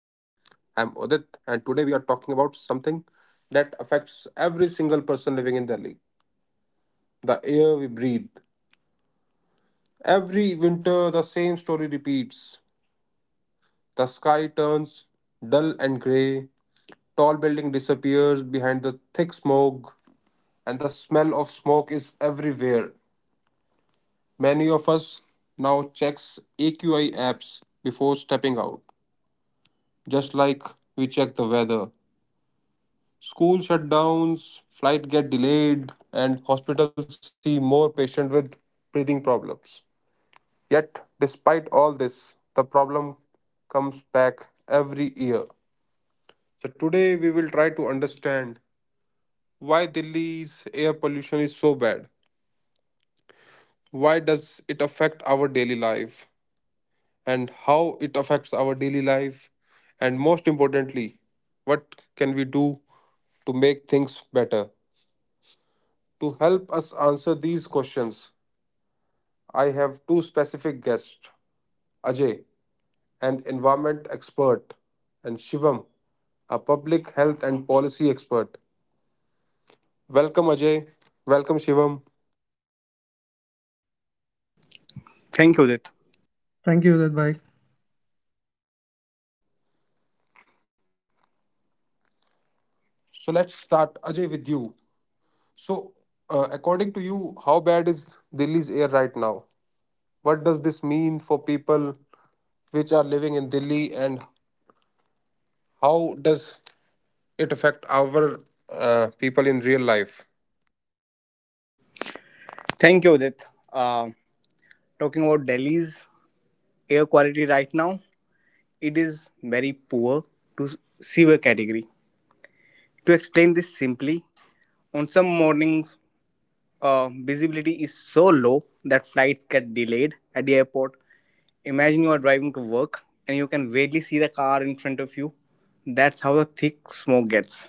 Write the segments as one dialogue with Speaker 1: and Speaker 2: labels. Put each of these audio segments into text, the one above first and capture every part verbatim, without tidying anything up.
Speaker 1: I'm Udit, and today we are talking about something that affects every single person living in Delhi, the air we breathe. Every winter, the same story repeats. The sky turns dull and grey, tall building disappears behind the thick smoke, and the smell of smoke is everywhere. Many of us now checks A Q I apps before stepping out just like we check the weather. School shutdowns, flight get delayed, and hospitals see more patients with breathing problems. Yet, despite all this, the problem comes back every year. So today we will try to understand why Delhi's air pollution is so bad. Why does it affect our daily life, and how it affects our daily life, and most importantly, what can we do to make things better? To help us answer these questions, I have two specific guests, Ajay, an environment expert, and Shivam, a public health and policy expert. Welcome, Ajay. Welcome, Shivam.
Speaker 2: Thank you, Udit.
Speaker 3: Thank you, Udit.
Speaker 1: So, let's start, Ajay, with you. So, uh, according to you, how bad is Delhi's air right now? What does this mean for people which are living in Delhi, and how does it affect our uh, people in real life?
Speaker 2: Thank you, Udit. Uh, Talking about Delhi's air quality right now, it is very poor to severe category. To explain this simply, on some mornings, uh, visibility is so low that flights get delayed at the airport. Imagine you are driving to work and you can barely see the car in front of you. That's how the thick smoke gets.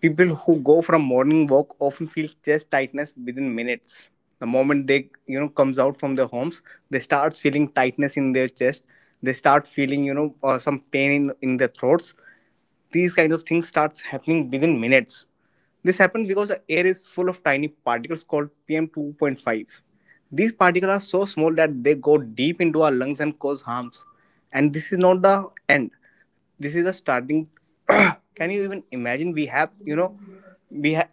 Speaker 2: People who go from morning walk often feel chest tightness within minutes. The moment they you know comes out from their homes, they start feeling tightness in their chest. They start feeling you know uh, some pain in in their throats. These kind of things starts happening within minutes. This happens because the air is full of tiny particles called P M two point five. These particles are so small that they go deep into our lungs and cause harms. And this is not the end. This is the starting. Can you even imagine we have you know we have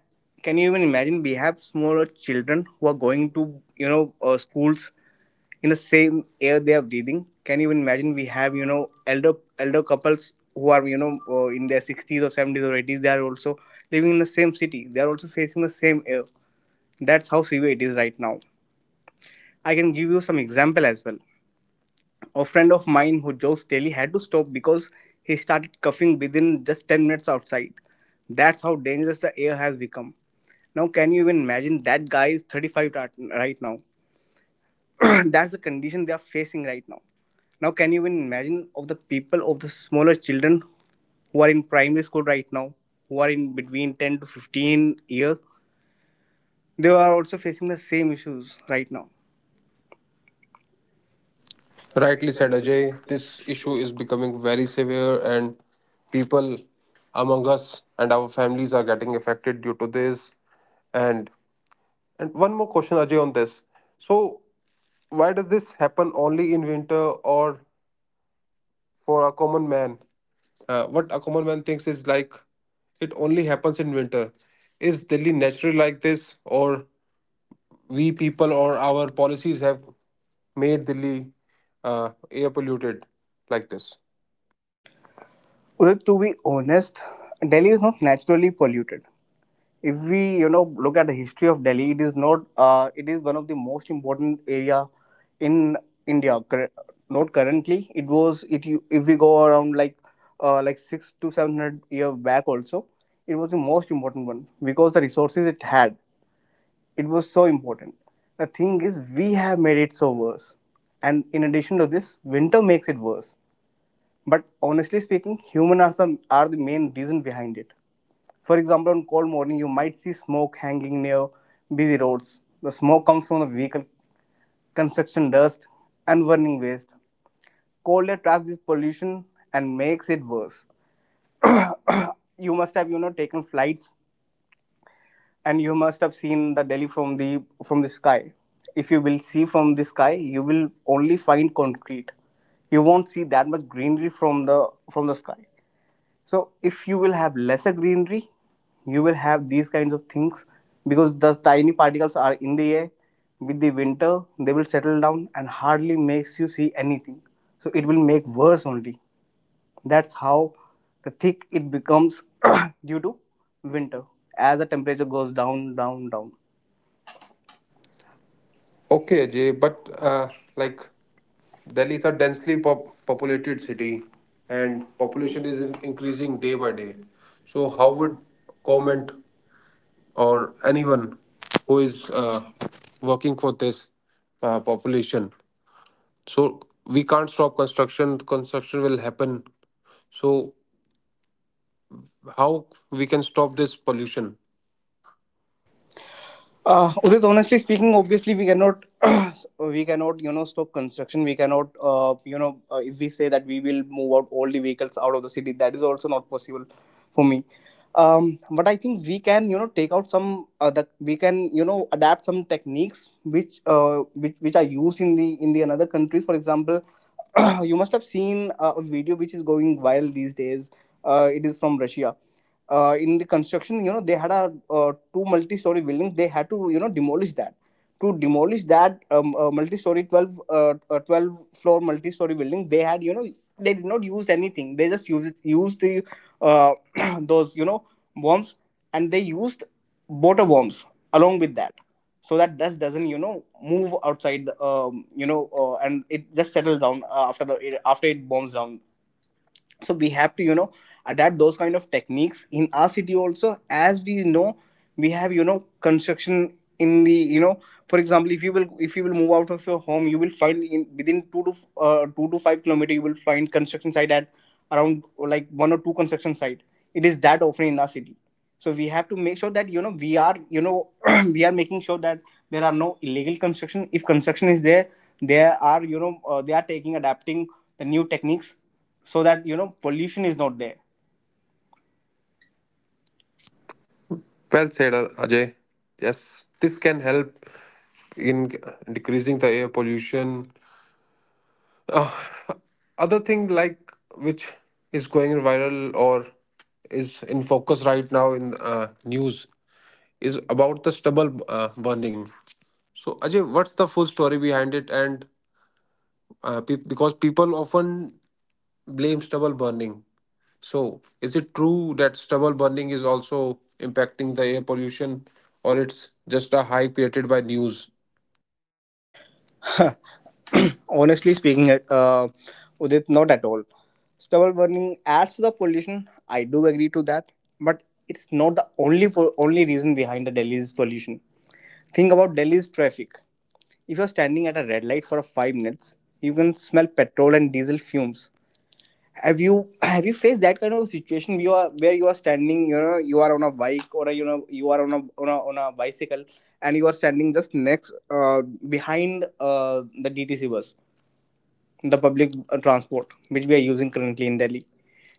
Speaker 2: can you even imagine we have smaller children who are going to you know uh, schools in the same air they are breathing? Can you even imagine we have you know elder elder couples who are you know uh, in their sixties or seventies or eighties? They are also living in the same city. They are also facing the same air. That's how severe it is right now. I can give you some example as well. A friend of mine who jogs daily had to stop because he started coughing within just ten minutes outside. That's how dangerous the air has become. Now, can you even imagine that guy is thirty-five right right now? That's the condition they are facing right now. Now, can you even imagine of the people of the smaller children who are in primary school right now, who are in between ten to fifteen years? They are also facing the same issues right now.
Speaker 1: Rightly said, Ajay. This issue is becoming very severe, and people among us and our families are getting affected due to this. And and one more question, Ajay, on this. So, why does this happen only in winter, or for a common man? Uh, what a common man thinks is like it only happens in winter. Is Delhi naturally like this, or we people or our policies have made Delhi uh, air polluted like this?
Speaker 2: Well, to be honest, Delhi is not naturally polluted. If we you know look at the history of Delhi, it is not uh, it is one of the most important area in India. Cur- not currently. It was. It you- if we go around like, uh, like six to seven hundred year back also, it was the most important one, because the resources it had, it was so important. The thing is we have made it so worse, and in addition to this, winter makes it worse. But honestly speaking, human are, some, are the main reason behind it. For example, on cold morning, you might see smoke hanging near busy roads. The smoke comes from the vehicle, construction dust, and burning waste. Cold air traps this pollution and makes it worse. You must have, you know, taken flights, and you must have seen the Delhi from the from the sky. If you will see from the sky, you will only find concrete. You won't see that much greenery from the from the sky. So if you will have lesser greenery, you will have these kinds of things because the tiny particles are in the air. With the winter, they will settle down and hardly makes you see anything. So it will make worse only. That's how the thick it becomes due to winter, as the temperature goes down, down, down.
Speaker 1: Okay, Ajay, but uh, like Delhi is a densely pop- populated city, and population is in- increasing day by day. So, how would government or anyone who is uh, working for this uh, population? So, we can't stop construction, construction will happen. So, how we can stop this pollution?
Speaker 2: Uh, Udit, honestly speaking, obviously we cannot, we cannot, you know, stop construction. We cannot, uh, you know, uh, If we say that we will move out all the vehicles out of the city, that is also not possible for me. Um, but I think we can, you know, take out some, uh, the, we can, you know, adapt some techniques which, uh, which, which are used in the in the another countries. For example, you must have seen uh, a video which is going viral these days. Uh, it is from Russia. Uh, in the construction, you know they had a uh, two multi-story buildings. They had to you know demolish that to demolish that. Um, uh, multi-story twelve uh, uh, twelve floor multi-story building they had. You know they did not use anything. They just used used the, uh, those, you know bombs, and they used water bombs along with that, so that dust doesn't you know move outside, um, you know uh, and it just settles down uh, after the after it bombs down. So we have to you know adapt those kind of techniques in our city also, as we know we have, you know construction in the, you know for example, if you will if you will move out of your home, you will find in within two to uh, two to five kilometer, you will find construction site at around, like, one or two construction site. It is that often in our city. So we have to make sure that you know we are you know we are making sure that there are no illegal construction. If construction is there, there are, you know uh, they are taking adapting the new techniques so that you know pollution is not there.
Speaker 1: Well said, uh, Ajay. Yes, this can help in decreasing the air pollution. Uh, other thing like which is going viral or is in focus right now in uh, news is about the stubble uh, burning. So Ajay, what's the full story behind it? And uh, pe- because people often blame stubble burning. So is it true that stubble burning is also impacting the air pollution, or it's just a hype created by news?
Speaker 2: Honestly speaking, uh, Udit, not at all. Stubble burning adds to the pollution. I do agree to that, but it's not the only for, only reason behind the Delhi's pollution. Think about Delhi's traffic. If you're standing at a red light for five minutes, you can smell petrol and diesel fumes. Have you have you faced that kind of situation, you are where you are standing? You know you are on a bike, or you know you are on a on a, on a bicycle, and you are standing just next uh, behind, uh, the D T C bus, the public uh, transport which we are using currently in Delhi.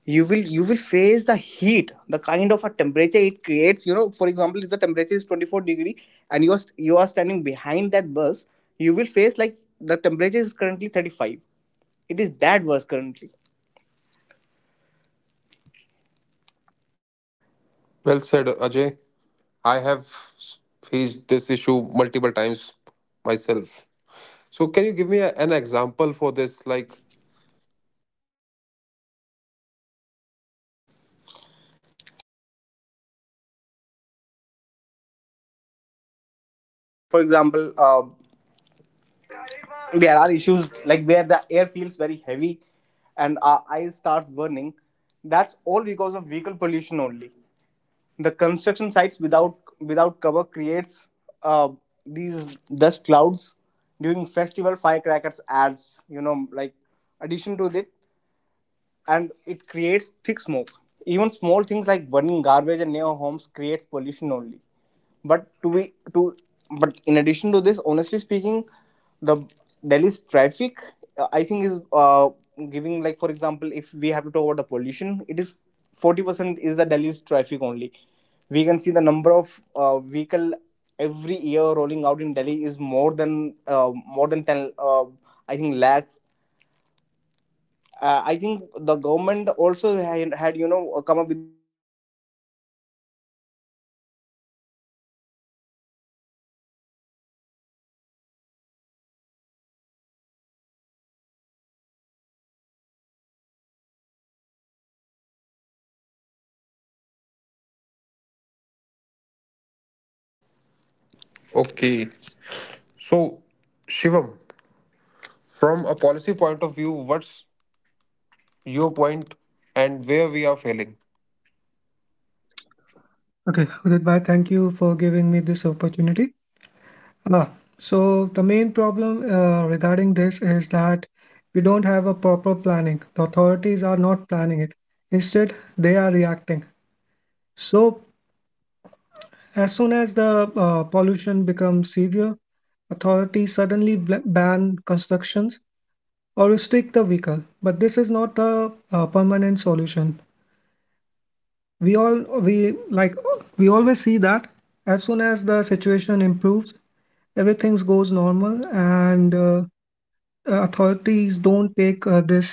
Speaker 2: You will you will face the heat, the kind of a temperature it creates. You know for example, if the temperature is twenty-four degree and you are st- you are standing behind that bus, you will face like the temperature is currently thirty-five. It is that worse currently.
Speaker 1: Well said, Ajay. I have faced this issue multiple times myself. So, can you give me a- an example for this? Like,
Speaker 2: For example, uh, there are issues like where the air feels very heavy and our eyes start burning. That's all because of vehicle pollution only. The construction sites without without cover creates uh, these dust clouds. During festival, firecrackers ads. You know, like addition to that, and it creates thick smoke. Even small things like burning garbage and near homes creates pollution only. But to be to but in addition to this, honestly speaking, the Delhi's traffic, uh, I think is, uh, giving like, for example, if we have to talk about the pollution, it is forty percent is the Delhi's traffic only. We can see the number of uh, vehicle every year rolling out in Delhi is more than uh, more than ten. Uh, I think lakhs. uh, I think the government also had, had you know come up with.
Speaker 1: okay,
Speaker 2: Udit,
Speaker 1: so Shivam, from a policy point of view, what's your point and where we are failing?
Speaker 3: Okay, Udit bhai, thank you for giving me this opportunity. Ah, so the main problem uh, regarding this is that we don't have a proper planning. The authorities are not planning it. Instead, they are reacting. So as soon as the uh, pollution becomes severe, authorities suddenly bl- ban constructions or restrict the vehicle. But this is not a, uh permanent solution. we all we like we always see that as soon as the situation improves everything goes normal and uh, authorities don't take uh, this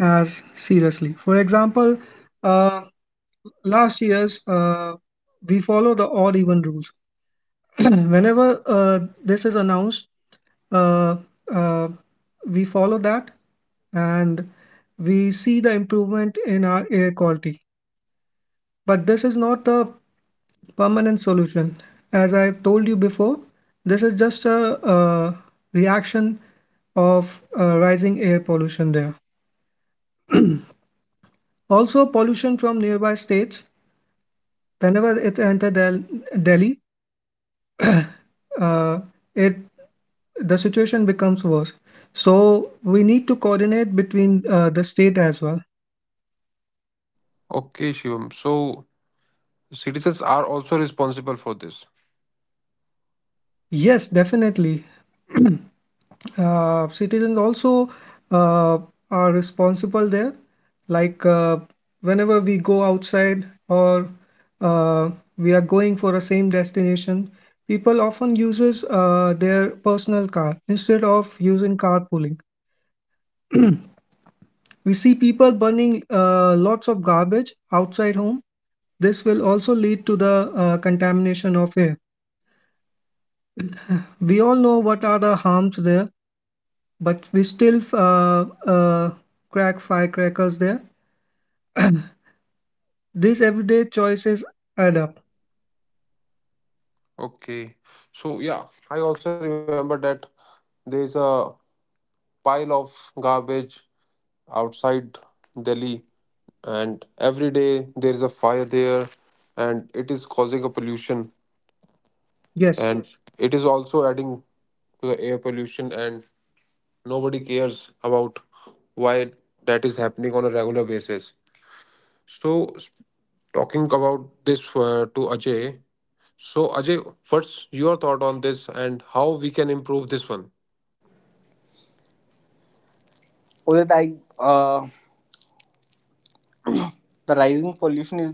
Speaker 3: as seriously. For example, uh, last year's uh, we follow the odd even rules. Whenever uh, this is announced, uh, uh, we follow that, and we see the improvement in our air quality. But this is not the permanent solution. As I've told you before, this is just a, uh reaction of uh, rising air pollution there. Also, pollution from nearby states. Whenever it enters Del- Delhi, uh, it the situation becomes worse. So we need to coordinate between uh, the state as well.
Speaker 1: Okay, Shivam. So, citizens are also responsible for this.
Speaker 3: Yes, definitely. uh, citizens also uh, are responsible there. Like uh, whenever we go outside or uh, we are going for a same destination, people often uses uh, their personal car instead of using carpooling. We see people burning uh, lots of garbage outside home. This will also lead to the uh, contamination of air. We all know what are the harms there, but we still uh, uh, crack firecrackers there. These everyday choices add up.
Speaker 1: Okay. So, yeah, I also remember that there's a pile of garbage outside Delhi, and every day there is a fire there, and it is causing a pollution,
Speaker 3: Yes.
Speaker 1: and it is also adding to the air pollution, and nobody cares about why that is happening on a regular basis. So, s- talking about this uh, to Ajay. So, Ajay, what's your thought on this, and how we can improve this one?
Speaker 2: I, uh, the rising pollution is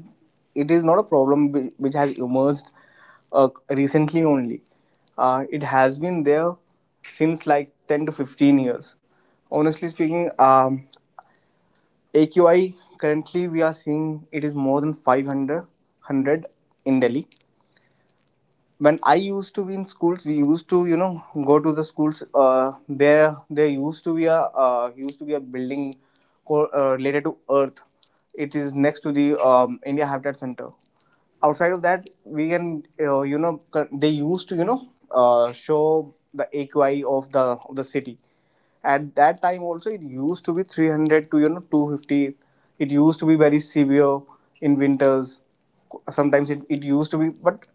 Speaker 2: it is not a problem whi- which has emerged uh, recently only. Uh, it has been there since like ten to fifteen years. Honestly speaking, um, A Q I currently we are seeing it is more than five hundred hundred in Delhi. When I used to be in schools, we used to you know go to the schools. uh, there there used to be a uh, used to be a building, co- uh, related to earth. It is next to the, um, India Habitat Center. Outside of that, we can, uh, you know cur- they used to, you know uh, show the A Q I of the of the city. At that time also, it used to be three hundred to you know two hundred fifty. It used to be very severe in winters. Sometimes it, it used to be, but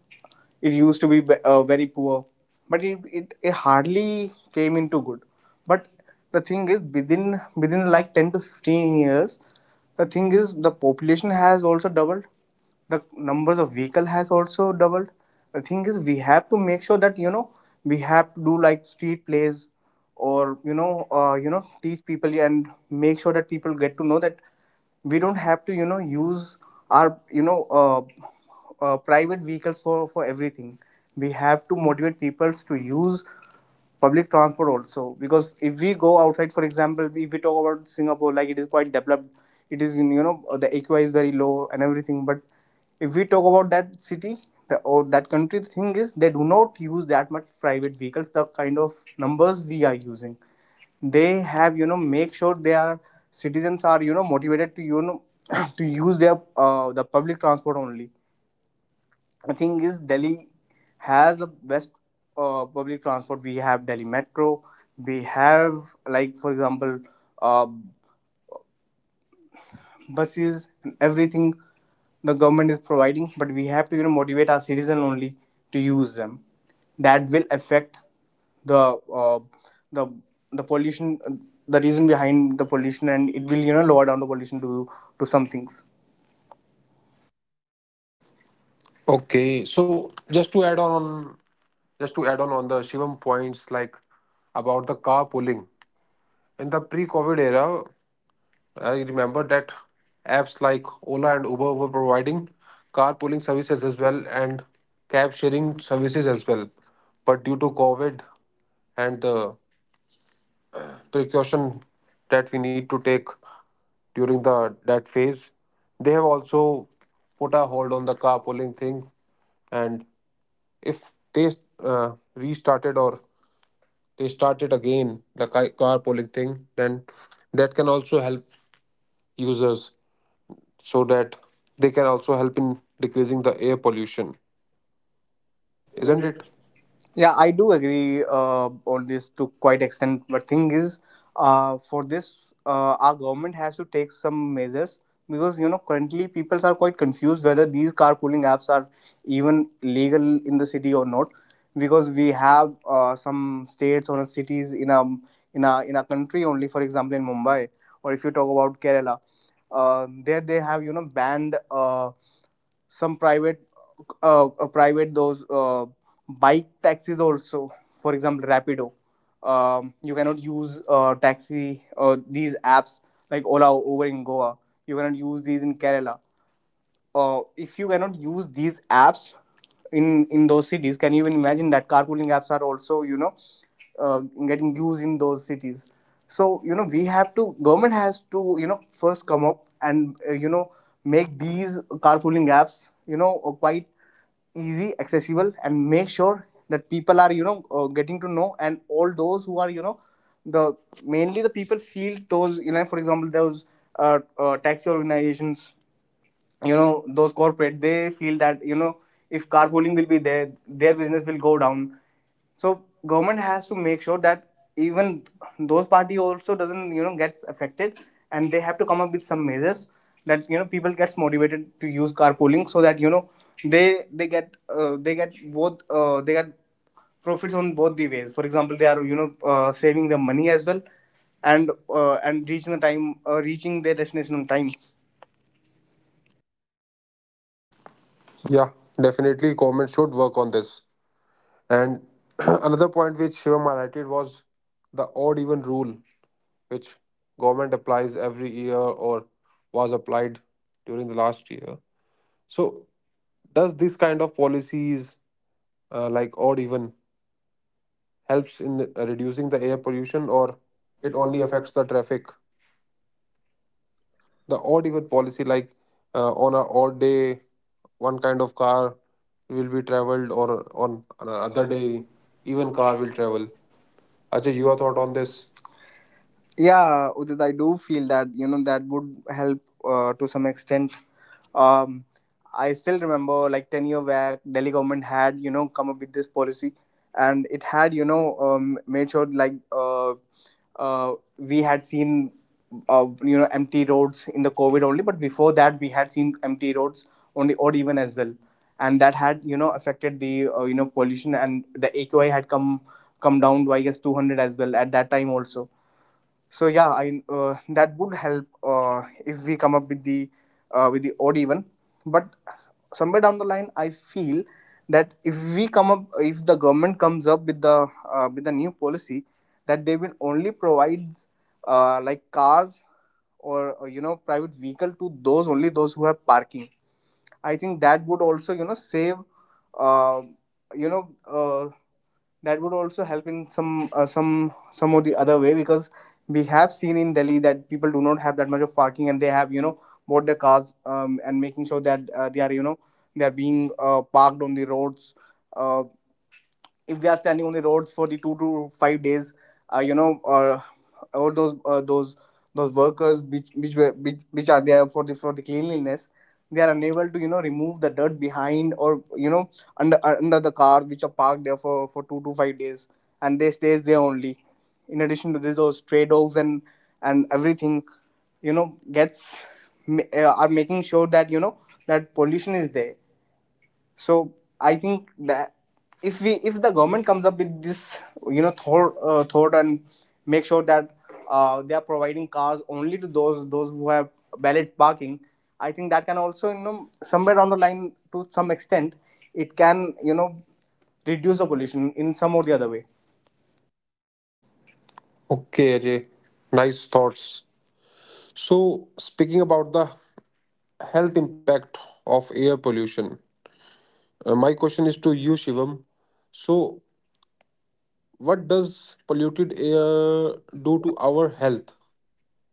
Speaker 2: it used to be ve- uh, very poor. But it, it, it hardly came into good. But the thing is, within within like ten to fifteen years, the thing is the population has also doubled. The numbers of vehicle has also doubled. The thing is we have to make sure that you know we have to do like street plays, or you know uh, you know teach people and make sure that people get to know that we don't have to you know use our, you know uh, uh, private vehicles for for everything. We have to motivate people to use public transport also, because if we go outside, for example, if we talk about Singapore, like it is quite developed. It is, you know uh, the A Q I is very low, and everything. But if we talk about that city, the, or that country, the thing is they do not use that much private vehicles, the kind of numbers we are using. They have, you know make sure their citizens are, you know motivated to, you know to use their, uh, the public transport only. The thing is, Delhi has the best uh, public transport. We have Delhi Metro, We have, like for example, uh, buses and everything. The government is providing, but we have to you know motivate our citizen only to use them. That will affect the uh, the the pollution, uh, the reason behind the pollution, and it will you know lower down the pollution to to some things,
Speaker 1: Okay, so just to add on, just to add on on the Shivam points like about the carpooling. In the pre-COVID era, I remember that apps like Ola and Uber were providing carpooling services as well and cab sharing services as well. But due to COVID and the precaution that we need to take during the that phase, they have also put a hold on the carpooling thing. And if they uh, restarted or they started again the ki- carpooling thing, then that can also help users so that they can also help in decreasing the air pollution,
Speaker 2: isn't
Speaker 1: isn't
Speaker 2: it?
Speaker 1: it?
Speaker 2: Yeah, I do agree uh, on this to quite extent. But thing is, uh, for this, uh, our government has to take some measures, because you know currently people are quite confused whether these carpooling apps are even legal in the city or not. Because we have uh, some states or cities in a in a in a country only. For example, in Mumbai, or if you talk about Kerala, uh, there they have you know banned Uh, some private uh, uh, private those uh, bike taxis also, for example, Rapido. Um, you cannot use uh, taxi, uh, these apps like Ola over in Goa. You cannot use these in Kerala. Uh, if you cannot use these apps in in those cities, can you even imagine that carpooling apps are also you know uh, getting used in those cities? So you know we have to, government has to you know first come up and uh, you know make these carpooling apps you know uh, quite easy accessible, and make sure that people are you know uh, getting to know, and all those who are you know the mainly the people feel those, you know, for example, those uh, uh, taxi organizations, you know those corporate, they feel that you know if carpooling will be there, their business will go down. So government has to make sure that even those party also doesn't you know gets affected, and they have to come up with some measures that you know people gets motivated to use carpooling, so that you know they they get uh, they get both, uh, they get profits on both the ways. For example, they are you know uh, saving the money as well, and uh, and reaching the time, uh, reaching their destination on time.
Speaker 1: Yeah, definitely government should work on this. And another point which Shivam highlighted was the odd even rule, which government applies every year or was applied during the last year. So does this kind of policies uh, like odd even helps in the- uh, reducing the air pollution, or
Speaker 2: It
Speaker 1: it
Speaker 2: only
Speaker 1: only
Speaker 2: affects.
Speaker 1: affects the traffic? The odd even policy like uh, on a odd day one kind of car will be traveled, or on
Speaker 2: The
Speaker 1: another
Speaker 2: other day,
Speaker 1: day even
Speaker 2: even
Speaker 1: car
Speaker 2: car we
Speaker 1: will
Speaker 2: traveled.
Speaker 1: travel. Ajay,
Speaker 2: Ajay,
Speaker 1: your
Speaker 2: your thought
Speaker 1: thought on
Speaker 2: on this?
Speaker 1: this?
Speaker 2: Yeah, Udit, I do feel that you know that would help uh, to some extent. Um, I still remember, like ten year back, Delhi government had you know come up with this policy, and it had you know um, made sure like uh, uh, we had seen uh, you know empty roads in the COVID only, but before that we had seen empty roads only, odd even as well, and that had you know affected the uh, you know pollution, and the A Q I had come come down by, I guess, two hundred as well at that time also. So yeah, I uh, that would help uh, if we come up with the uh, with the odd even. But somewhere down the line, I feel that if we come up, if the government comes up with the uh, with a new policy that they will only provide uh, like cars, or uh, you know private vehicle, to those only, those who have parking, I think that would also you know save uh, you know uh, that would also help in some uh, some some of the other way, because we have seen in Delhi that people do not have that much of parking, and they have you know bought the cars, um, and making sure that uh, they are you know they are being uh, parked on the roads. uh if they are standing on the roads for the two to five days, uh, you know, or or those uh, those those workers which, which were- which which are there for the for the cleanliness, they are unable to you know remove the dirt behind or you know under, uh, under the cars which are parked there for for two to five days, and they stays there only. In addition to this, those stray dogs and and everything, you know, gets ma- uh, are making sure that you know that pollution is there. So I think that if we, if the government comes up with this you know thought uh, thought, and make sure that uh, they are providing cars only to those those who have valid parking, I think that can also you know somewhere down the line, to some extent, it can you know reduce the pollution in some or the other way.
Speaker 1: Okay, Ajay, nice thoughts. So, speaking about the health impact of air pollution, uh, my question is to you, Shivam. So, what does polluted air do to our health?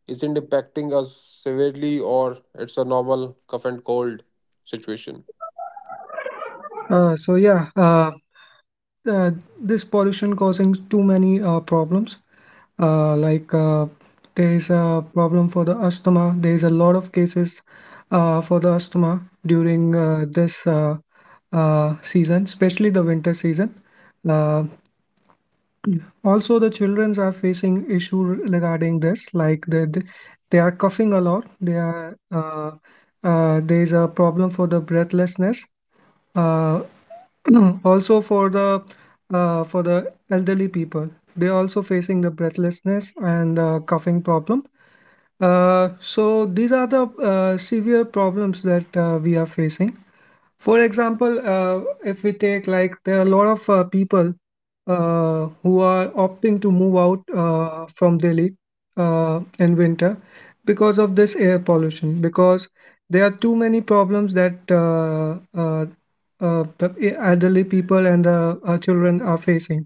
Speaker 1: Is it impacting us severely, or it's a normal cough and cold situation?
Speaker 3: Uh, so yeah, uh, uh, this pollution causing too many uh, problems. Uh, like uh, there is a problem for the asthma. There is a lot of cases uh, for the asthma during uh, this uh, uh, season, especially the winter season. Uh, Also, the childrens are facing issue regarding this, like they, they, they are coughing a lot. They are uh, uh, there is a problem for the breathlessness. Uh, also for the uh, for the elderly people, they are also facing the breathlessness and uh, coughing problem. Uh, so these are the uh, severe problems that uh, we are facing. For example, uh, if we take, like, there are a lot of uh, people uh, who are opting to move out uh, from Delhi uh, in winter because of this air pollution, because there are too many problems that uh, uh, uh, the elderly people and the uh, children are facing.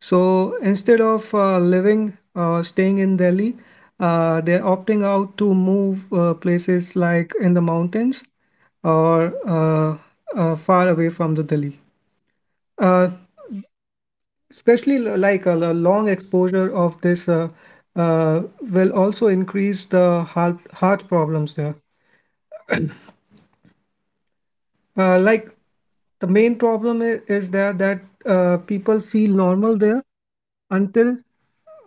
Speaker 3: So instead of uh, living uh, staying in Delhi, uh, they're opting out to move uh, places like in the mountains or uh, uh, far away from the Delhi. Uh, especially l- like a l- long exposure of this uh, uh, will also increase the heart, heart problems there. Uh, like the main problem i- is there that uh, people feel normal there until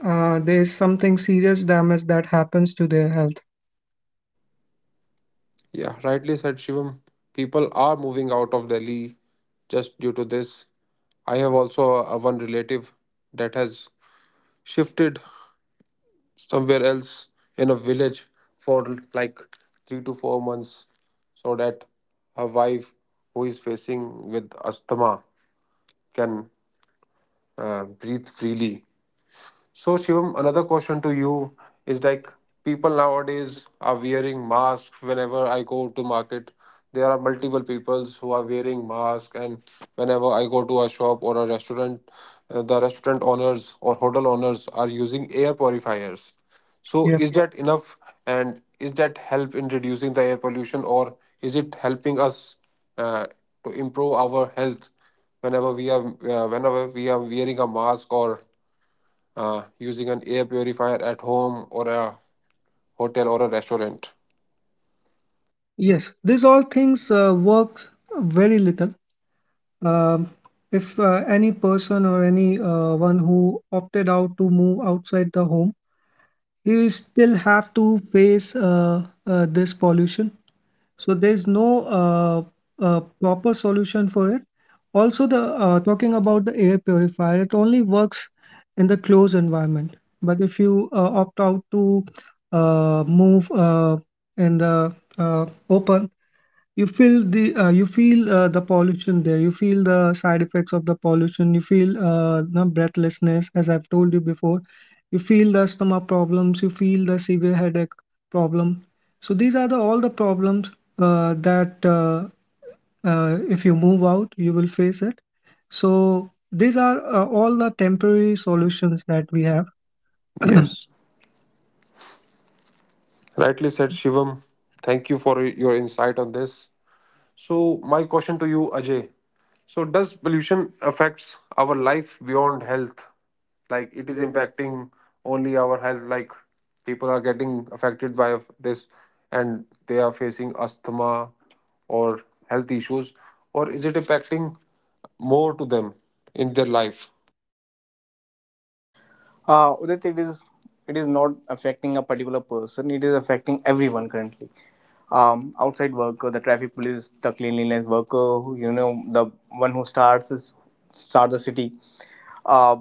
Speaker 3: uh, there is something serious damage that happens to their health.
Speaker 1: Yeah, rightly said, Shivam. People are moving out of Delhi just due to this. I have also a, a one relative that has shifted somewhere else in a village for like three to four months so that her wife, who is facing with asthma, can uh, breathe freely. So, Shivam, another question to you is like people nowadays are wearing masks whenever I go to market. There are multiple peoples who are wearing masks, and whenever I go to a shop or a restaurant, uh, the restaurant owners or hotel owners are using air purifiers. So,
Speaker 3: Yeah.
Speaker 1: is that enough? And is that help in reducing the air pollution, or is it helping us uh, to improve our health whenever we are uh, whenever we are wearing a mask or uh, using an air purifier at home or a hotel or a restaurant?
Speaker 3: Yes. These all things uh, works very little. Um, if uh, any person or any uh, one who opted out to move outside the home, he will still have to face uh, uh, this pollution. So there's no uh, uh, proper solution for it. Also, the uh, talking about the air purifier, it only works in the closed environment. But if you uh, opt out to uh, move uh, in the uh, open, you feel the uh, you feel uh, the pollution there. You feel the side effects of the pollution. You feel uh, no breathlessness. As I've told you before, you feel the stomach problems, you feel the severe headache problem. So these are the all the problems uh, that uh, uh, if you move out you will face it. So these are uh, all the temporary solutions that we have.
Speaker 1: Yes, rightly said, Shivam. Thank you for your insight on this. So, my question to you, Ajay. So, does pollution affects our life beyond health? Like it is impacting only our health. Like people are getting affected by this, and they are facing asthma or health issues, or is it impacting more to them in their life?
Speaker 2: Uh, Udit, it is, it is not affecting a particular person. It is affecting everyone currently. Um, outside worker, the traffic police, the cleanliness worker, who, you know, the one who starts is, start the city. Uh,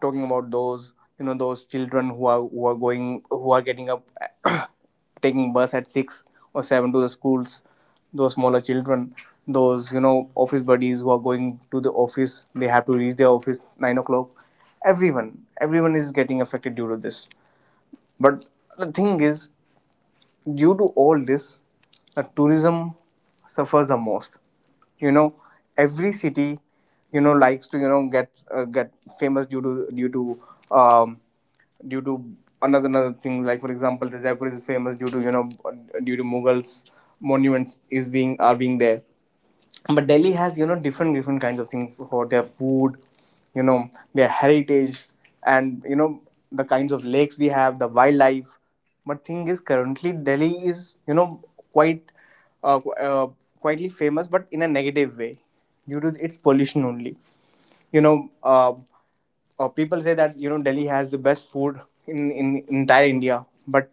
Speaker 2: talking about those, you know, those children who are who are going who are getting up taking bus at six or seven to the schools, those smaller children, those you know office buddies who are going to the office, they have to reach their office nine o'clock. Everyone everyone is getting affected due to this. But the thing is, due to all this, the tourism suffers the most. You know, every city, you know, likes to you know get uh, get famous due to due to um, due to another another thing, like for example Jaipur is famous due to you know due to Mughals monuments is being are being there. But Delhi has you know different different kinds of things, for their food, you know their heritage, and you know the kinds of lakes we have, the wildlife. But thing is, currently Delhi is you know quite uh, qu- uh, quietly famous, but in a negative way, due to its pollution only. You know uh, uh, people say that you know Delhi has the best food in, in entire India. But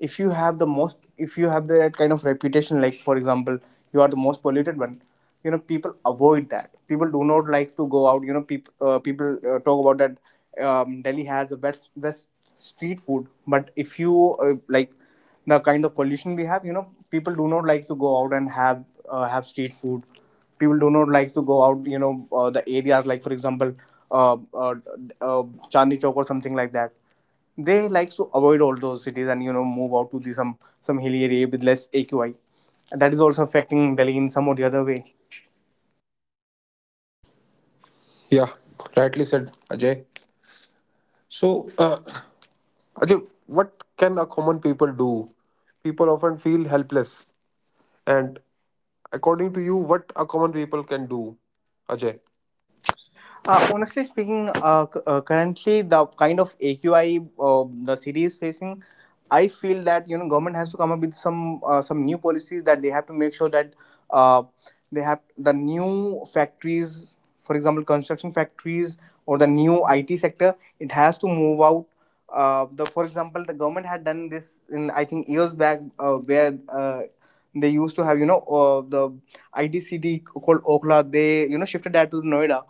Speaker 2: if you have the most, if you have that kind of reputation, like for example, you are the most polluted one, you know people avoid that. People do not like to go out. You know, people uh, people uh, talk about that um, Delhi has the best best street food, but if you uh, like the kind of pollution we have, you know, people do not like to go out and have uh, have street food. People do not like to go out, you know uh, the areas like for example uh, uh, uh, Chandni Chowk or something like that. They like to avoid all those cities, and you know move out to the some some hilly area with less AQI. That is also affecting Delhi in some or the other way.
Speaker 1: Yeah, rightly said, Ajay. So, uh, Ajay, what can a common people do? People often feel helpless. And according to you, what a common people can do, Ajay?
Speaker 2: Uh, honestly speaking, uh, c- uh, currently the kind of A Q I uh, the city is facing, I feel that you know government has to come up with some uh, some new policies, that they have to make sure that uh, they have the new factories, for example, construction factories, or the new I T sector, it has to move out. Uh, the, for example, the government had done this in, I think, years back, uh, where uh, they used to have you know uh, the I D C D called Okhla. They you know shifted that to Noida.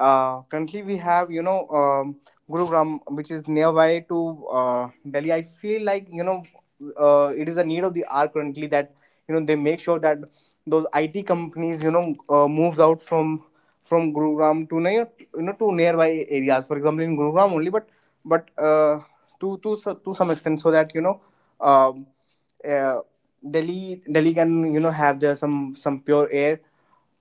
Speaker 2: Uh, currently, we have you know um, Gurugram, which is nearby to uh, Delhi. I feel like you know uh, it is a need of the hour currently, that you know they make sure that those I T companies you know uh, moves out from from Gurugram to near, you know to nearby areas. For example, in Gurugram only, but but uh, to to so- to some extent, so that you know. um uh, Delhi Delhi can you know have the some some pure air.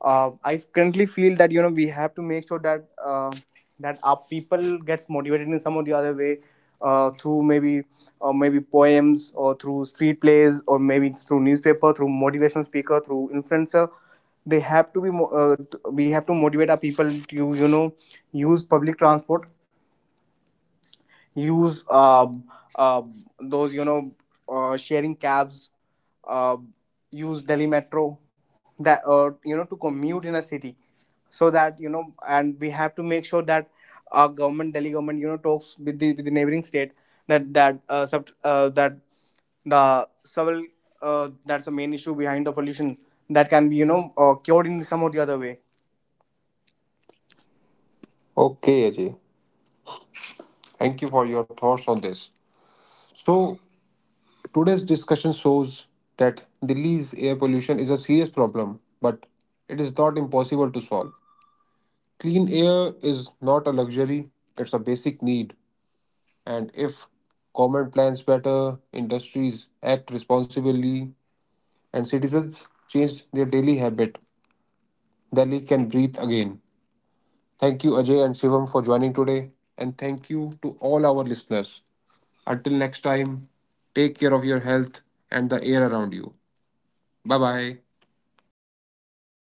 Speaker 2: Uh, I currently feel that you know we have to make sure that uh, that our people gets motivated in some or the other way, uh, through maybe uh, maybe poems, or through street plays, or maybe through newspaper, through motivational speaker, through influencer. They have to be mo- uh, t- we have to motivate our people to you know use public transport, use uh, uh, those you know uh, sharing cabs, uh, use Delhi metro, that uh, you know to commute in a city, so that you know. And we have to make sure that our government, Delhi government, you know talks with the, with the neighboring state, that that uh, sub, uh, that the several, uh, that's the main issue behind the pollution, that can be you know uh, cured in some or the other way.
Speaker 1: Okay, Ajay. Thank you for your thoughts on this. So, today's discussion shows that Delhi's air pollution is a serious problem, but it is not impossible to solve. Clean air is not a luxury, it's a basic need. And if government plans better, industries act responsibly, and citizens change their daily habit, Delhi can breathe again. Thank you, Ajay and Shivam, for joining today. And thank you to all our listeners. Until next time, take care of your health and the air around you. Bye bye.
Speaker 2: Thank